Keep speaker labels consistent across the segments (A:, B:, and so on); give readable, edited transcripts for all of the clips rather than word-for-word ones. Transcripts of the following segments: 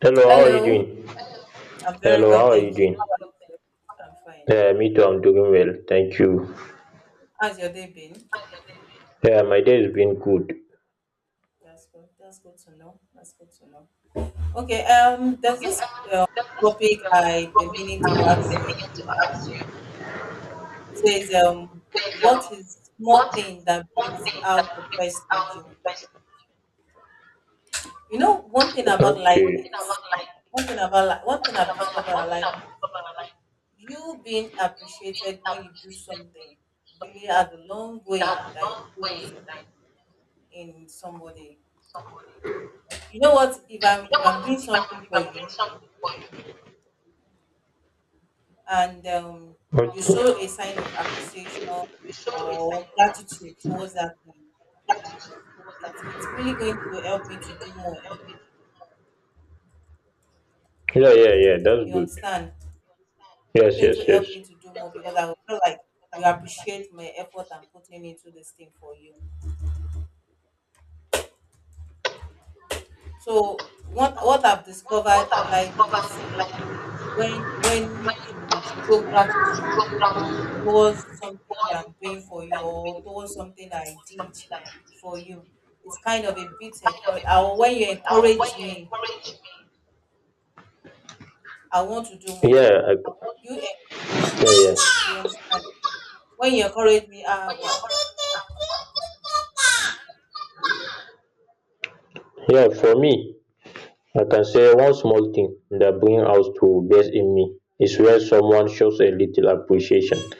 A: Hello, how are you
B: Hello.
A: doing?
B: I'm very
A: Hello,
B: well,
A: how are you
B: thank you.
A: doing?
B: How are you, sir? I'm fine,
A: Yeah,
B: thank you.
A: me too, I'm doing well, thank you.
B: How's your day been?
A: Yeah, my day has been good.
B: That's good. That's good to know. Okay. There's this topic I've been meaning to ask you. It says, what is small thing that brings out the best in you? You know, one thing about life
A: Okay.
B: is one thing I've discovered about life is you being appreciated when you do something really has a long way that it goes in somebody. You know what, if I'm doing something for you, and you
A: Okay.
B: show a sign of appreciation or gratitude towards that thing, it's really going to help me to do more.
A: Yeah, yeah, yeah, that's
B: You
A: good.
B: understand?
A: Yes,
B: It's
A: yes,
B: going to
A: yes.
B: help me to do more, because I will feel like you appreciate my effort I'm putting into this thing for you. So what I've discovered in life is, when you show gratitude towards something that I'm doing for you, or towards something that I did for you, it's kind of a bit encourage. When you encourage me, I want to do more.
A: Yeah,
B: You
A: yeah, yeah.
B: understand? When you encourage me, ah, wow.
A: Yeah, for me, I can say one small thing that brings out to best in me is where someone shows a little appreciation.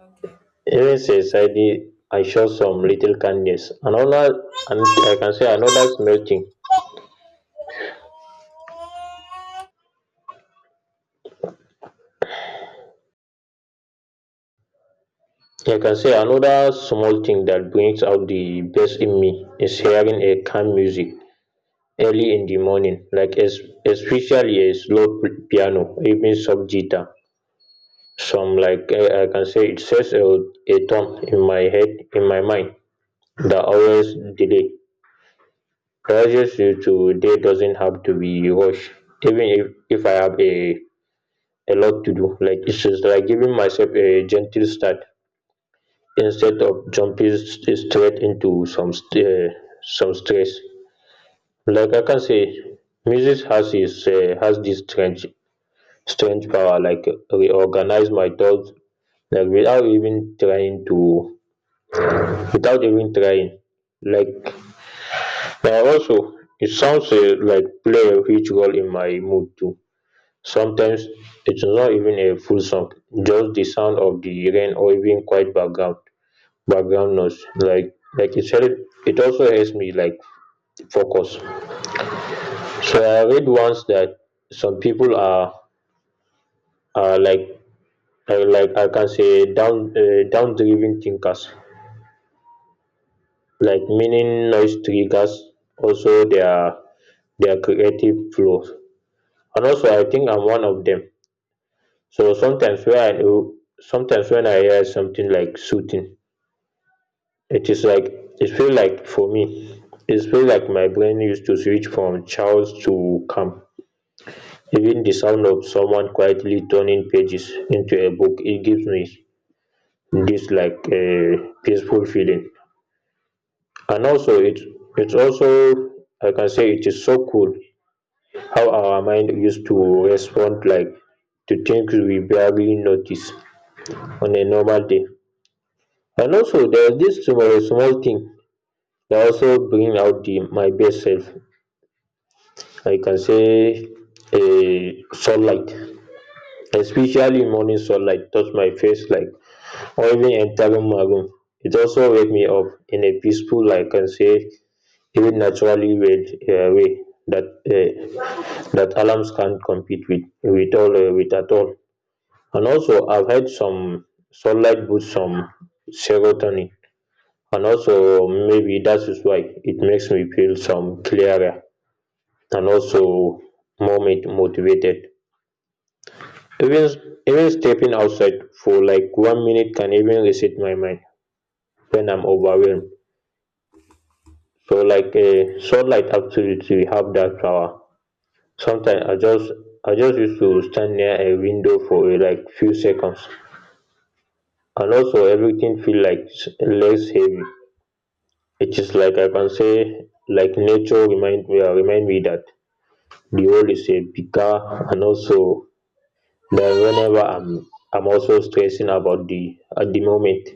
B: Okay.
A: Even says I did, I show some little kindness. And I can say another small thing that brings out the best in me is hearing a calm music early in the morning, like especially a slow piano, even soft guitar, some like I can say it sets a tone in my head, in my mind, that always delay pressures you to day doesn't have to be rushed, even if I have a lot to do, like it's just like giving myself a gentle start, instead of jumping straight into some stress. Like, I can say, music has this strange power, like reorganize my thoughts, like, without even trying. Like, also, it sounds, like play a huge role in my mood too. Sometimes it's not even a full song, just the sound of the rain or even quiet background noise, like it also helps me like focus. So I read once that some people are are like are like, I can say, down driven thinkers, like meaning noise triggers also their creative flow. And also I think I'm one of them. So sometimes when I hear something like soothing, it is like, it feel like for me it feel like my brain used to switch from chaos to calm. Even the sound of someone quietly turning pages into a book, it gives me this like a peaceful feeling. And also, it's also, I can say, it is so cool how our mind used to respond, like, to things we barely notice on a normal day. And also there's this small thing that also bring out the my best self, I can say, a sunlight, especially morning sunlight touch my face like. When in entering maroon, it also wake me up in a peaceful, like, can say, even naturally way uh, that alarms can't compete with at all. And also I've had some sunlight boosts some serotonin, and also maybe that is why it makes me feel some clearer, and also more motivated. Even even stepping outside for like one minute can even reset my mind when I'm
B: Yeah.
A: overwhelmed. So like a sunlight activity we have that power. Sometimes I just used to stand near a window for like few seconds, and also everything feel like less heavy. It is like, I can say, like nature remind me that the world is a bigger, and also that whenever I'm also stressing about the at the moment.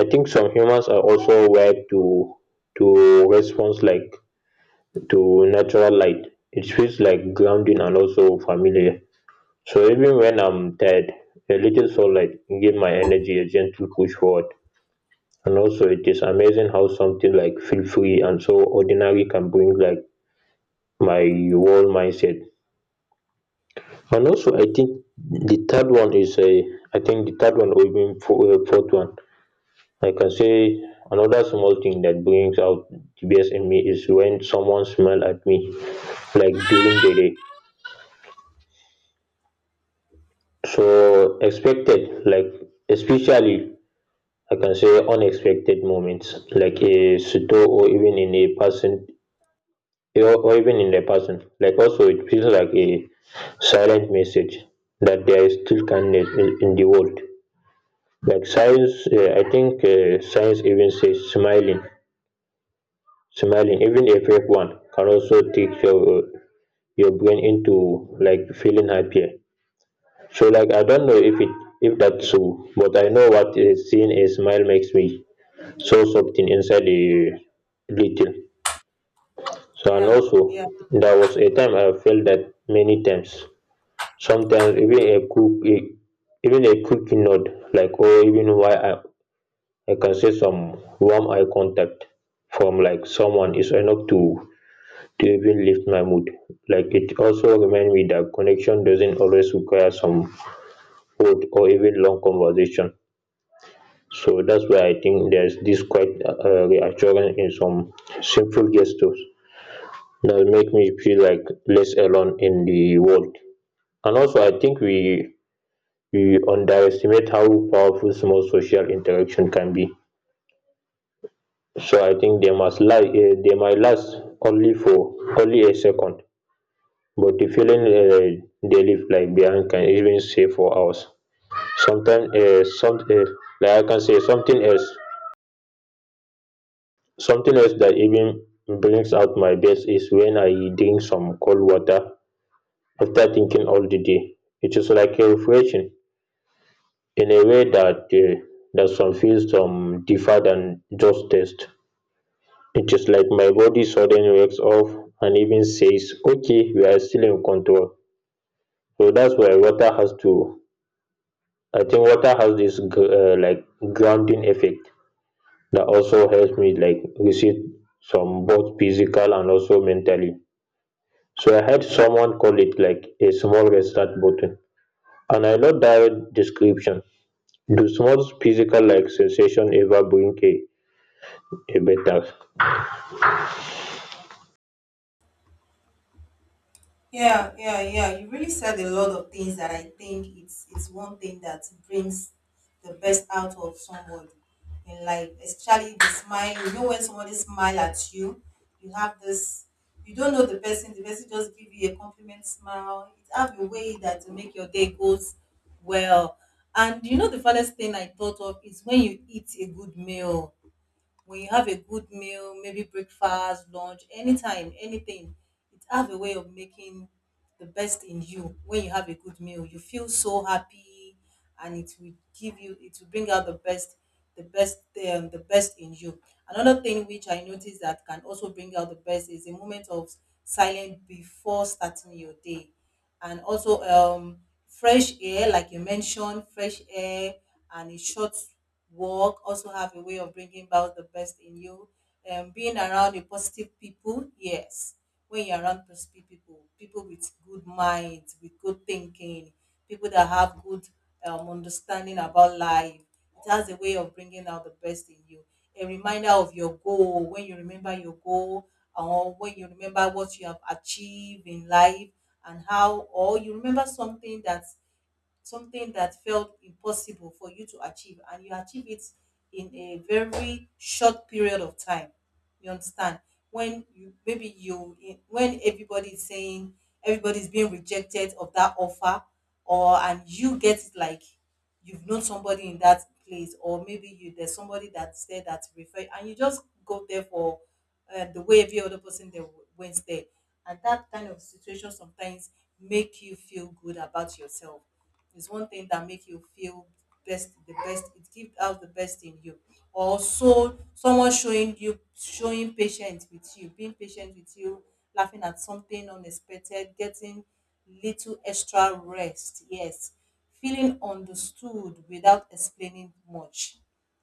A: I think some humans are also wired to response, like, to natural light. It feels like grounding and also familiar. So even when I'm tired, a little sunlight give my energy a gentle push forward. And also it is amazing how something like feel free and so ordinary can bring like my whole mindset. And also I think the third one, or even fourth one, I can say, another small thing that brings out the best in me is when someone smile at me, like during the day. So expected, like, especially, I can say, unexpected moments, like a store or even in a person. Like also, it feels like a silent message that there is still kindness in the world. Like, science, I think, science even says smiling, even a fake one, can also take your brain into like feeling happier. So like I don't know if that's true, but I know what is seeing a smile makes me, so something inside a little. So and
B: Yeah.
A: also
B: Yeah.
A: there was a time I felt that many times. Sometimes even a quick nod, like, or even why I can say some warm eye contact from like someone is enough to even lift my mood. Like, it also reminds me that connection doesn't always require some word or even long conversation. So that's why I think there's this quite, reassurance in some simple gestures that make me feel like less alone in the world. And also, I think we underestimate how powerful small social interaction can be. So I think they must lie. They might last only a second, but the feeling, they leave like behind can even stay for hours. Sometimes, some like, I can say something else. Something else that even brings out my best is when I drink some cold water after thinking all the day. It is like a refreshing in a way that some feels some differ than just taste. It is like my body suddenly wakes up and even says, "Okay, we are still in control." So that's why water has to. I think water has this like grounding effect that also helps me like receive some both physical and also mentally. So I heard someone call it like a small restart button. And I love that description. Do small physical, like, sensation ever bring a better?
B: Yeah, yeah, yeah, you really said a lot of things that I think it's one thing that brings the best out of someone in life, especially the smile. You know, when somebody smile at you, you have this. You don't know the person. The person just give you a compliment smile. It have a way that to make your day goes well. And you know, the funniest thing I thought of is when you eat a good meal, when you have a good meal, maybe breakfast, lunch, anytime, anything, it have a way of making the best in you. When you have a good meal, you feel so happy, and it will give you, it will bring out the best, the best, the best in you. Another thing which I noticed that can also bring out the best is a moment of silence before starting your day, and also fresh air, like you mentioned, fresh air and a short walk also have a way of bringing out the best in you. Being around the positive people, yes, when you're around positive people, people with good minds, with good thinking, people that have good understanding about life, it has a way of bringing out the best in you. A reminder of your goal, when you remember your goal, or when you remember what you have achieved in life, and how, or you remember something that felt impossible for you to achieve, and you achieve it in a very short period of time. You understand? When you maybe you when everybody is saying, everybody's being rejected of that offer, or and you get it. Like, you've known somebody in that place, or maybe you there's somebody that said that refer, and you just go there for the way every other person there went there, and that kind of situation sometimes make you feel good about yourself, is one thing that make you feel best the best, it gives out the best in you. Also, someone showing you, showing patience with you, being patient with you, laughing at something unexpected, getting little extra rest, yes, feeling understood without explaining much.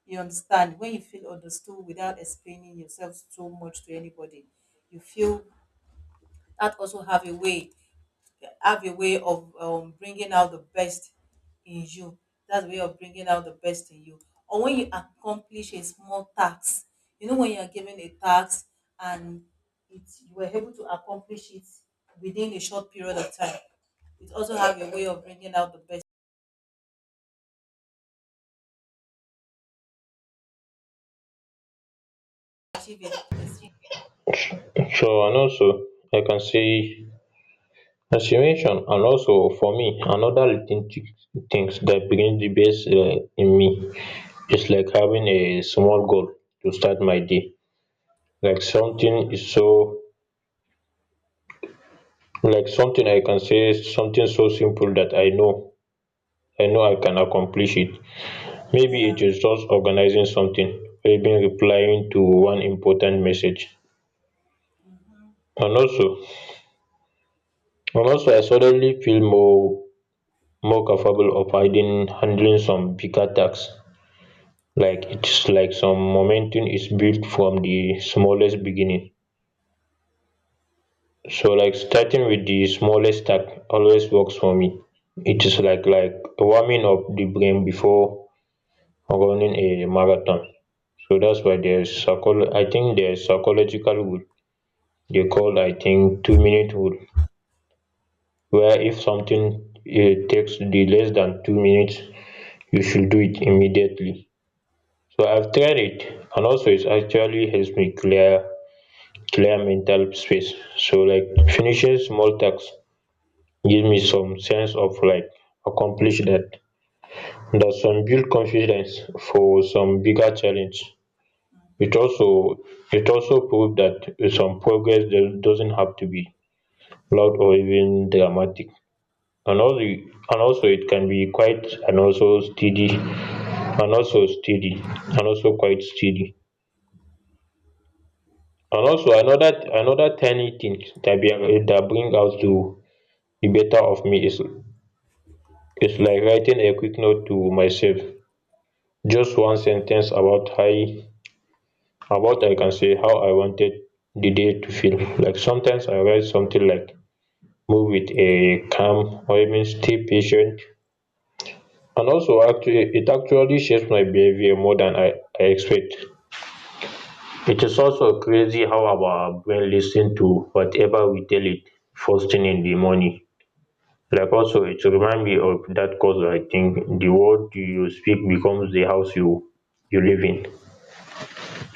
B: You understand? When you feel understood without explaining yourself so much to anybody, you feel that also have a way, have a way of bringing out the best in you. That's a way of bringing out the best in you. Or when you accomplish a small task. You know, when you are given a task and it, you were able to accomplish it within a short period of time, it also have a way of bringing out the best. Achieve it. It's,
A: Sure, and also, I can see, as you mentioned, and also for me, another thing things that brings the best, in me is like having a small goal to start my day. Like
B: mm,
A: something is so like something I can say something so simple that I know I can accomplish it. Maybe it
B: yeah,
A: is just organising something or even replying to one important message. And also and also, I suddenly feel more capable of handling some bigger tasks, like
B: yeah,
A: its like some momentum is built from the smallest beginning. So like starting with the smallest task always works for me. It is like warming up the brain before running a marathon. So that's why there is psychological rule. Dey called, I think, 2-minute rule, where if something takes the less than 2 minutes, you should do it immediately. So I've tried it, and also it actually helps me clear mental space. So like finishing small tasks give me some sense of like accomplish that some build confidence for some bigger challenge. It also it also proved that some progress doesn't have to be loud or even dramatic. And also, it can be quite, and also steady, and also quite steady. And also, another tiny thing that bring out to the better of me is like writing a quick note to myself, just one sentence about how about I can say how I wanted the day to feel. Like sometimes I write something like move with a calm or even stay patient. And also, actually, it actually shapes my behavior more than I expect. It's also crazy how our brain listens to whatever we tell it first thing in the morning. Like also, it remind me of that cause, I think the word you speak becomes the house you live in.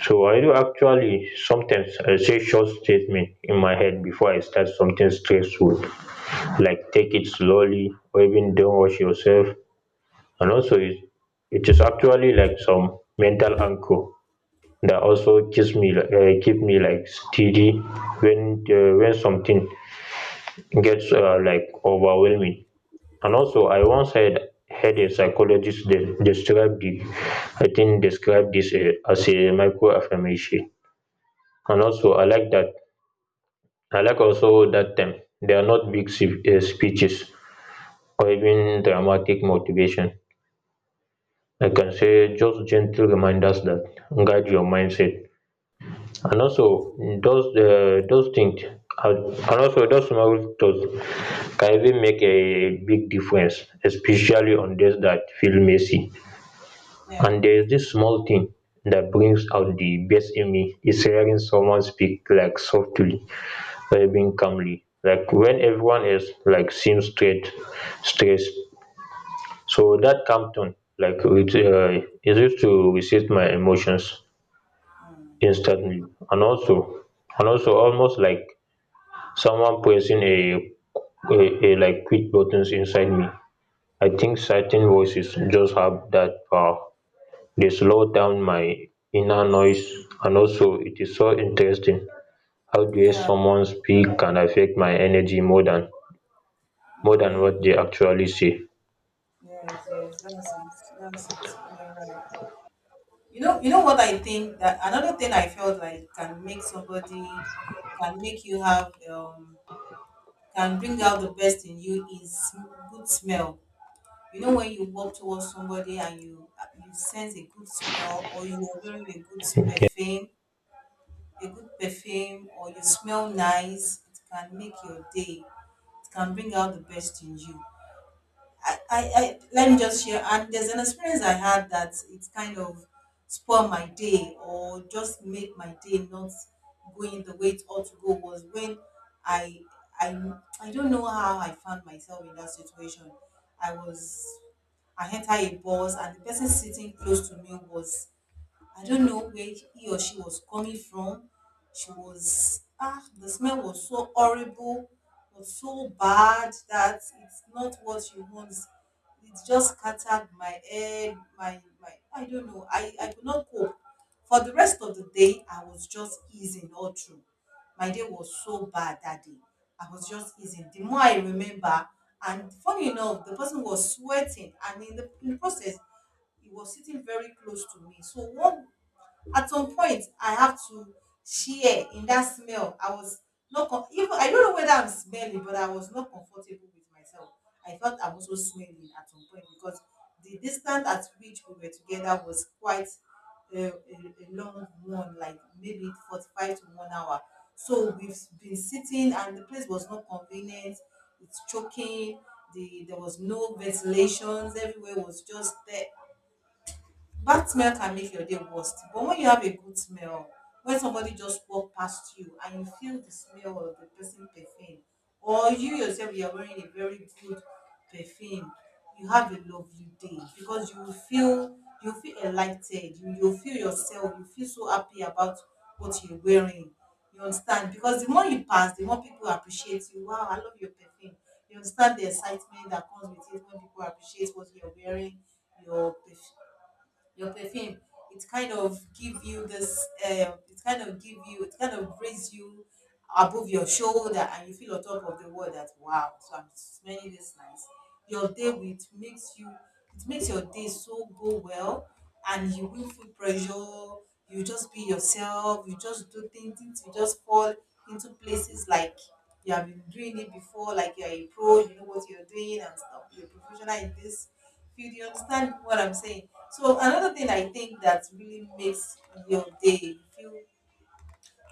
A: So I do actually, sometimes I say short statement in my head before I start something stressful, like take it slowly or even don't rush yourself. And also, it is actually like some mental anchor that also keeps me like keep me like steady when something gets, like, overwhelming. And also I once had a psychologist describe the, I think, describe this, as a micro affirmation. And also, I like that, I like also that time, they are not big speeches or even dramatic motivation, I can say, just gentle reminders that guide your mindset. And also those uh, those things are- those small thoughts can even make a big difference, especially on days that feel messy.
B: yeah,
A: And there's this small thing that brings out the best in me is hearing someone speak like softly or even calmly. Like when everyone else like seems straight stressed, so that calm tone like it easy to reset my emotions instantly. And also almost like someone pressing a a like quit buttons inside me. I think certain voices just have that power. They slow down my inner noise. And also it is so interesting how the
B: yeah,
A: way
B: yeah.
A: someone speak can affect my energy more than what they actually say.
B: Yes, yes, that's it. That's it. You're right. You know what I think, that another thing I felt like can make somebody, can make you have can bring out the best in you is good smell. You know, when you walk towards somebody and you sense a good smell, or you are wearing a good perfume, a good perfume, or you smell nice, it can make your day. It can bring out the best in you. I let me just share. And there's an experience I had that it kind of spoiled my day, or just made my day not going the way it ought to go, was when I I I don't know how I found myself in that situation. I was I entered a bus, and the person sitting close to me was, I don't know where he or she was coming from. She was, ah, the smell was so horrible, was so bad that it's not what you want. It just scattered my head. I don't know. I could not cope. For the rest of the day, I was just easing all through. My day was so bad that day. I was just easing. The more I remember, and funny enough, the person was sweating, and in the process, he was sitting very close to me. So one at some point I have to share in that smell. I was not com- even I don't know whether I'm smelly, but I was not comfortable with myself. I felt I'm also smelly at some point, because the distance at which we were together was quite a long one, like maybe 45 to 1 hour. So we've been sitting, and the place was not convenient. It's choking. There was no ventilations. Everywhere was just there. Bad smell can make your day worst. But when you have a good smell, when somebody just walk past you and you feel the smell of the person perfume, or you yourself, you are wearing a very good perfume, you have a lovely day, because you will feel, you feel enlightened, you feel yourself, you feel so happy about what you're wearing. You understand? Because the more you pass, the more people appreciate you. Wow, I love your perfume. You understand the excitement that comes with it when people appreciate what you're wearing, your perf- your perfume. It kind of give you this, it kind of give you, it kind of raise you above your shoulder, and you feel on top of the world, that wow, so I'm smelling this nice. Your day with makes you, it makes your day so go well, and you will feel pressure. You just be yourself, you just do things, things will just fall into places, like you have been doing it before, like you're a pro, you know what you're doing, and stuff, you're a professional in this field. You understand what I'm saying? So another thing I think that really makes your day feel,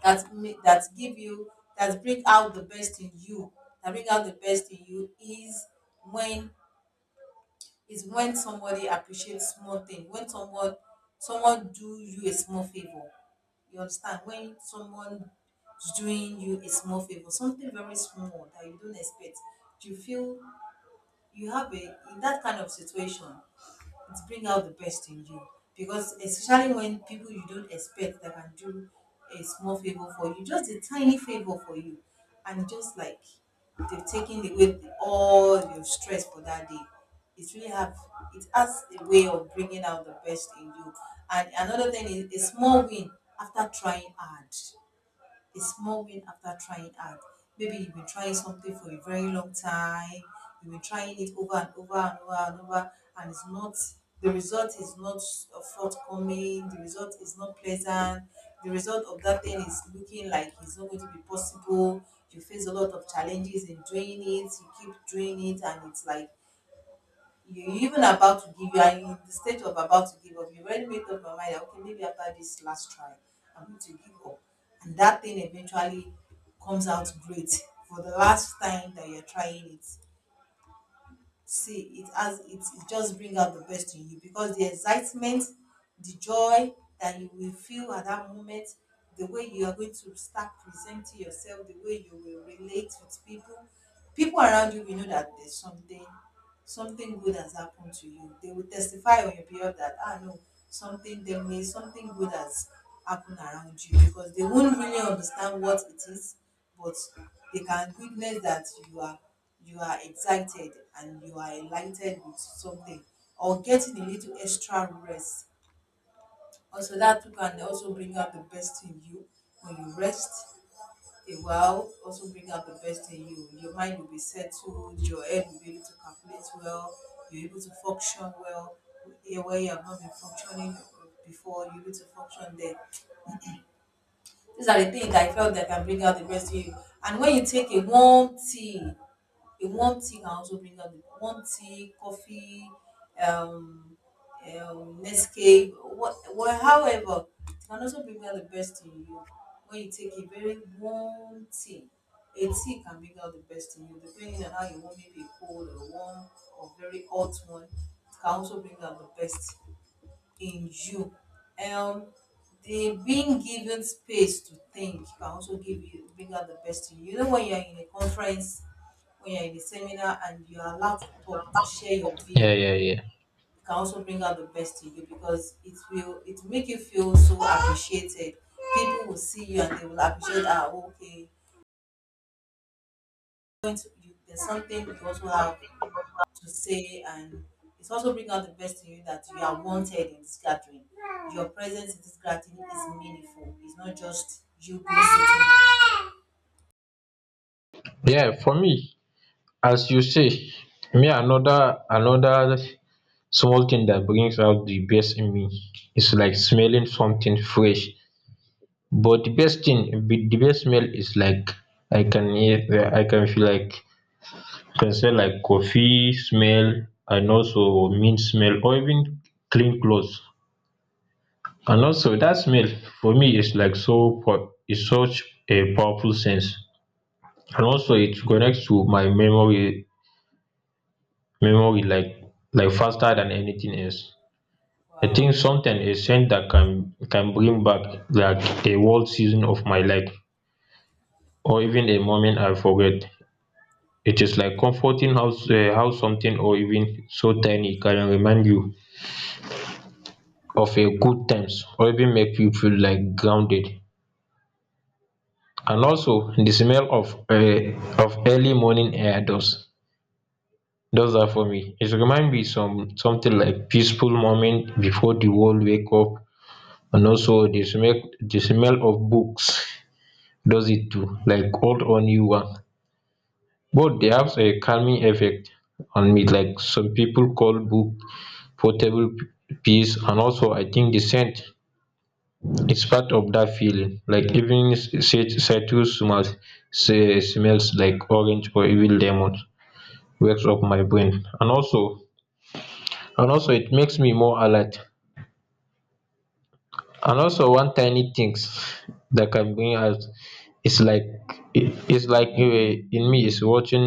B: that give you, that bring out the best in you that bring out the best in you, when is when somebody appreciates small thing. When someone, someone do you a small favor. You understand? When someone is doing you a small favor, something very small that you don't expect, you feel you have a, in that kind of situation, it bring out the best in you, because especially when people you don't expect that can do a small favor for you, just a tiny favor for you, and just like they've taken away all your stress for that day, it really have, it has a way of bringing out the best in you. And another thing is a small win after trying hard, a small win after trying hard. Maybe you've been trying something for a very long time, you've been trying it over and over and over and over, and it's not, the result is not forthcoming, the result is not pleasant, the result of that thing is looking like it's not going to be possible. You face a lot of challenges in doing it, you keep doing it, and it's like you even about to give, you are in the state of about to give up, you already made up your mind that okay, maybe after this last try I'm going to give up, and that thing eventually comes out great for the last time that you're trying it. See, it has, it just brings out the best in you, because the excitement, the joy that you will feel at that moment, the way you are going to start presenting yourself, the way you will relate with people, people around you will know that there's something, something good has happened to you. They will testify on your behalf that ah no, something they may something good has happened around you because they won't really understand what it is, but they can witness that you are excited and you are enlightened with something or getting a little extra rest. Also that too can also bring out the best in you when you rest a while also bring out the best in you. Your mind will be settled, your head will be able to calculate well, you're able to function well here where you have not been functioning before, you're able to function there. These are the things I felt that can bring out the best in you. And when you take a warm tea can also bring out the warm tea, coffee, um, Nescafe, however, it can also bring out the best in you. When you take a very warm tea, a tea can bring out the best in you, depending on how you want, maybe a cold or warm or very hot one. It can also bring out the best in you. Um, they being given space to think can also give you bring out the best in you. You know when you're in a conference, when you're in a seminar and you're allowed to talk to share your view,
A: Yeah, yeah,
B: it
A: yeah,
B: can also bring out the best in you because it will make you feel so appreciated. People will see you and they will appreciate, ah, okay. There's something you also have to say and it's also bring out the best in you that you are wanted in this gathering. Your presence in this gathering is meaningful. It's not just you being sitting.
A: yeah, for me, as you say, me another small thing that brings out the best in me is like smelling something fresh. But the best thing the best smell is like I can hear, I can feel like I can smell like coffee smell and also mint smell or even clean clothes. And also that smell for me is like so po is such a powerful sense. And also it connects to my memory like faster than anything else. I think
B: Wow.
A: something scent that can bring back like a whole season of my life or even a moment I forget. It is like comforting how how something or even so tiny can remind you of a good times or even make you feel like grounded. And also the smell of early morning air does that for me. It remind me some something like peaceful moment before the world wake up. And also the smell of books does it do like old or new one, but they have a calming effect on me. Like some people call book portable peace. And also I think the scent is part of that feeling like even citrus smells, say smells like orange or even lemon, wakes up my brain. And also and also it makes me more alert. And also one tiny things that can bring out, it's like in me is watching,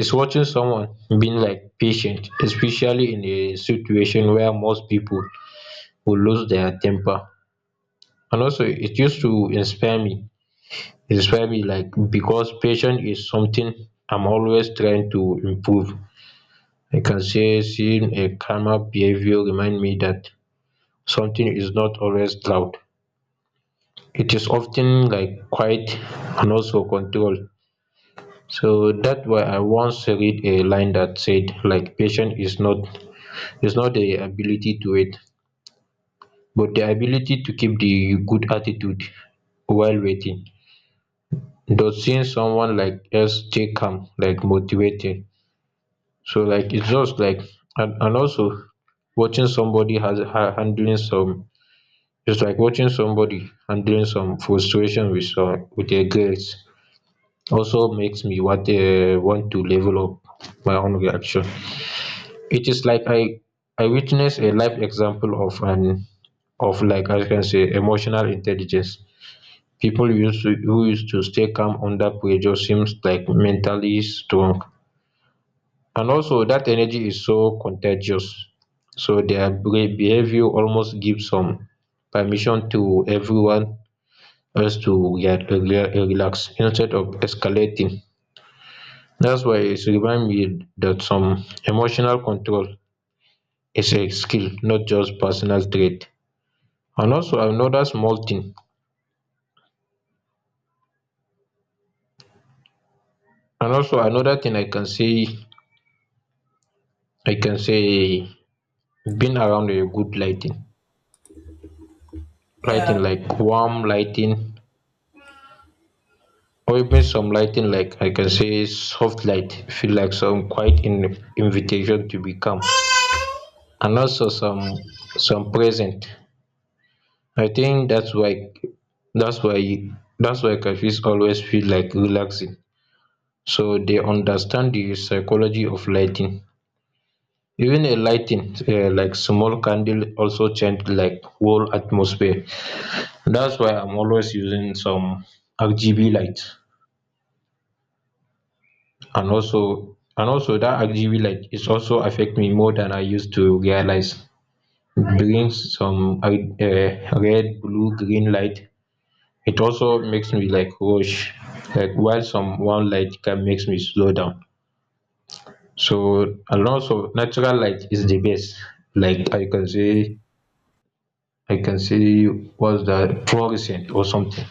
A: someone being like patient, especially in a situation where most people would lose their temper. And also it used to inspire me, like, because patience is something I'm always trying to improve. I can say seeing a calmer behaviour remind me that something is not always loud. It is often like quiet and also controlled. So thats why I once read a line that said, like, patience is not, its not the ability to wait, but the ability to keep the good attitude while waiting. But seeing someone like else stay calm, like motivating. So like its just like, and also watching somebody handling some, its like watching somebody handling some frustration with some with their girls. Also makes me what want to level up my own reaction. It is like I witness a life example of an, of like I can say emotional intelligence. People used to who used to stay calm under pressure seems like mentally strong. And also that energy is so contagious. So their behaviour almost gives some permission to everyone else to get relax instead of escalating. That's why it reminds me that some emotional control is a skill, not just personal trait. And also another small thing. And also another thing I can say, i can say being around a good lighting,
B: Yeah.
A: like warm lighting or even some lighting, like I can say, soft light feel like some quiet in invitation to become, and also some present. I think that's why that's why cafes always feel like relaxing. So they understand the psychology of lighting. Even a lighting like small candle also change like whole atmosphere. That's why I'm always using some RGB light. And also that RGB light is also affect me more than I used to realize. Brings some red blue green light. It also makes me like rush, like while some one light can makes me slow down. So and also natural light is the best. Like I can say what's that fluorescent or something,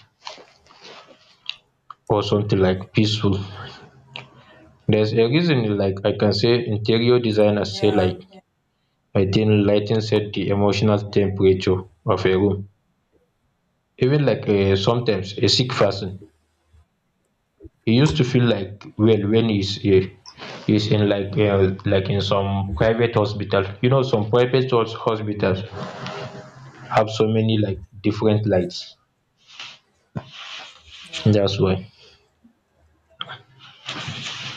A: or something like peaceful. Theres a reason, like I can say, interior designers say,
B: Yeah.
A: like,
B: Yeah.
A: maintaining lighting set the emotional temperature of a room. Even like sometimes a sick person he used to feel like well, wen is he's in like in some private hospital, you know, some private hospitals have so many like different lights.
B: Yeah.
A: Thats why.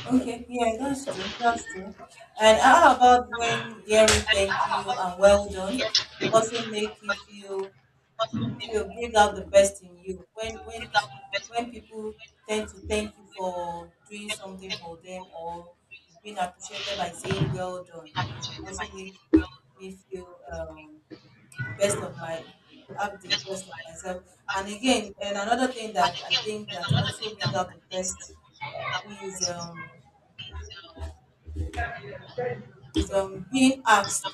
B: Okay. Yeah, that's true. That's true. And how about when hearing thank you and well done also make you feel you'll bring out the best in you. When people tend to thank you for doing something for them or being appreciated by saying well done, also makes me feel best of my have the best of myself. And another thing that I think that also brings out the best is being asked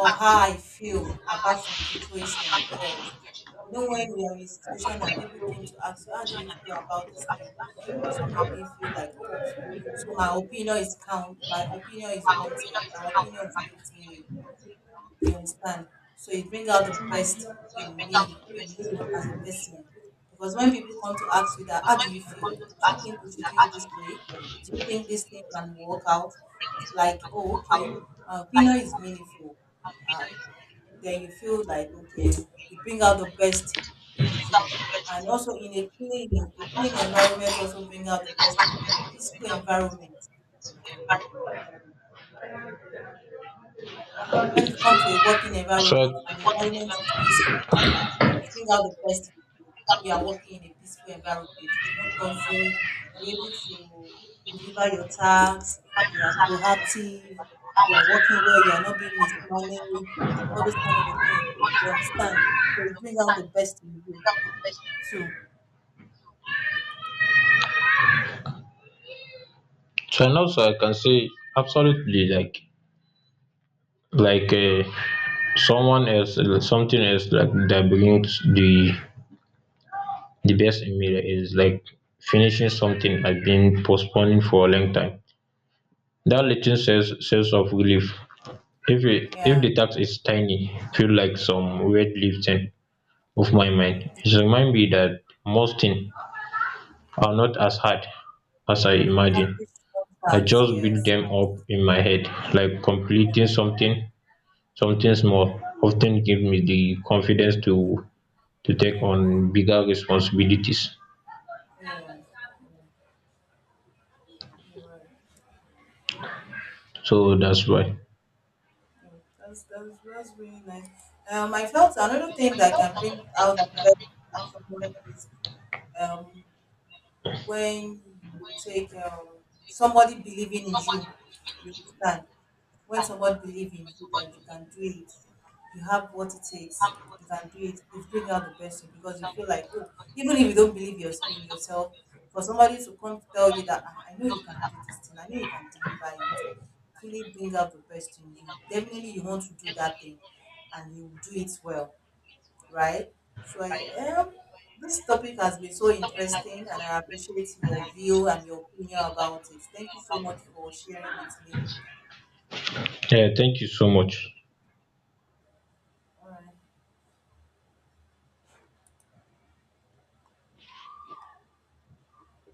B: or how I feel about some situation. Yes. You know when we are in a situation and people came to ask you how do you feel about this thing, also make me feel like, oh, so, my opinion is wanted, my opinion is meaning, you understand? So it brings out the best in me, in you as a person. Because when people come to ask you that, how do you feel? Do you think we should do it this way? Do you think this thing can work out? It's like, oh, okay, my opinion is meaningful. Um, then you feel like, okay, it brings out the best in you. And also in a clean environment also brings out the best in you, a peaceful environment. When you come to a working environment and the environment is peaceful, it's bring out the best in you. When you are working in a peaceful environment, it's not toxic, you're able to deliver your tasks, you are proactive, you are working well, you are not being mismanaged, all those kind of a thing. You understand? So you bring out the best in you. So
A: So and also I can say absolutely, like like um someone else, something else like that brings the best in, is like finishing something I've been postponing for a long time. That little sense of relief if it, if
B: yeah.
A: the task is tiny, feel like some weight lifting off my mind.
B: Mm-hmm.
A: It reminds me
B: Yeah.
A: that most things are not as hard as I imagine.
B: Accomplish
A: I
B: contacts,
A: just build
B: yes.
A: them up in my head. Like completing something, something small, often ten give me the confidence to take on bigger responsibilities.
B: Yeah. Yeah, you're right.
A: So that's why.
B: Yeah, that's really nice. I felt another thing that can bring out the best in someone is, um, when you take somebody believing in you, you will stand. When somebody believes in you that you can do it, you have what it takes, you can do it, it brings out the best in you because you feel like, oh, even if you don't believe yours in yourself, for somebody to come to tell you that, "Ah, I know you can do this thing, I know you can deliver it," it really brings out the best in you. Definitely, you want to do that thing and you will do it well, right? So I, this topic has been so interesting, and I appreciate your view and your opinion about it. Thank you so much for sharing with me.
A: Yeah, thank you so much.
B: All right.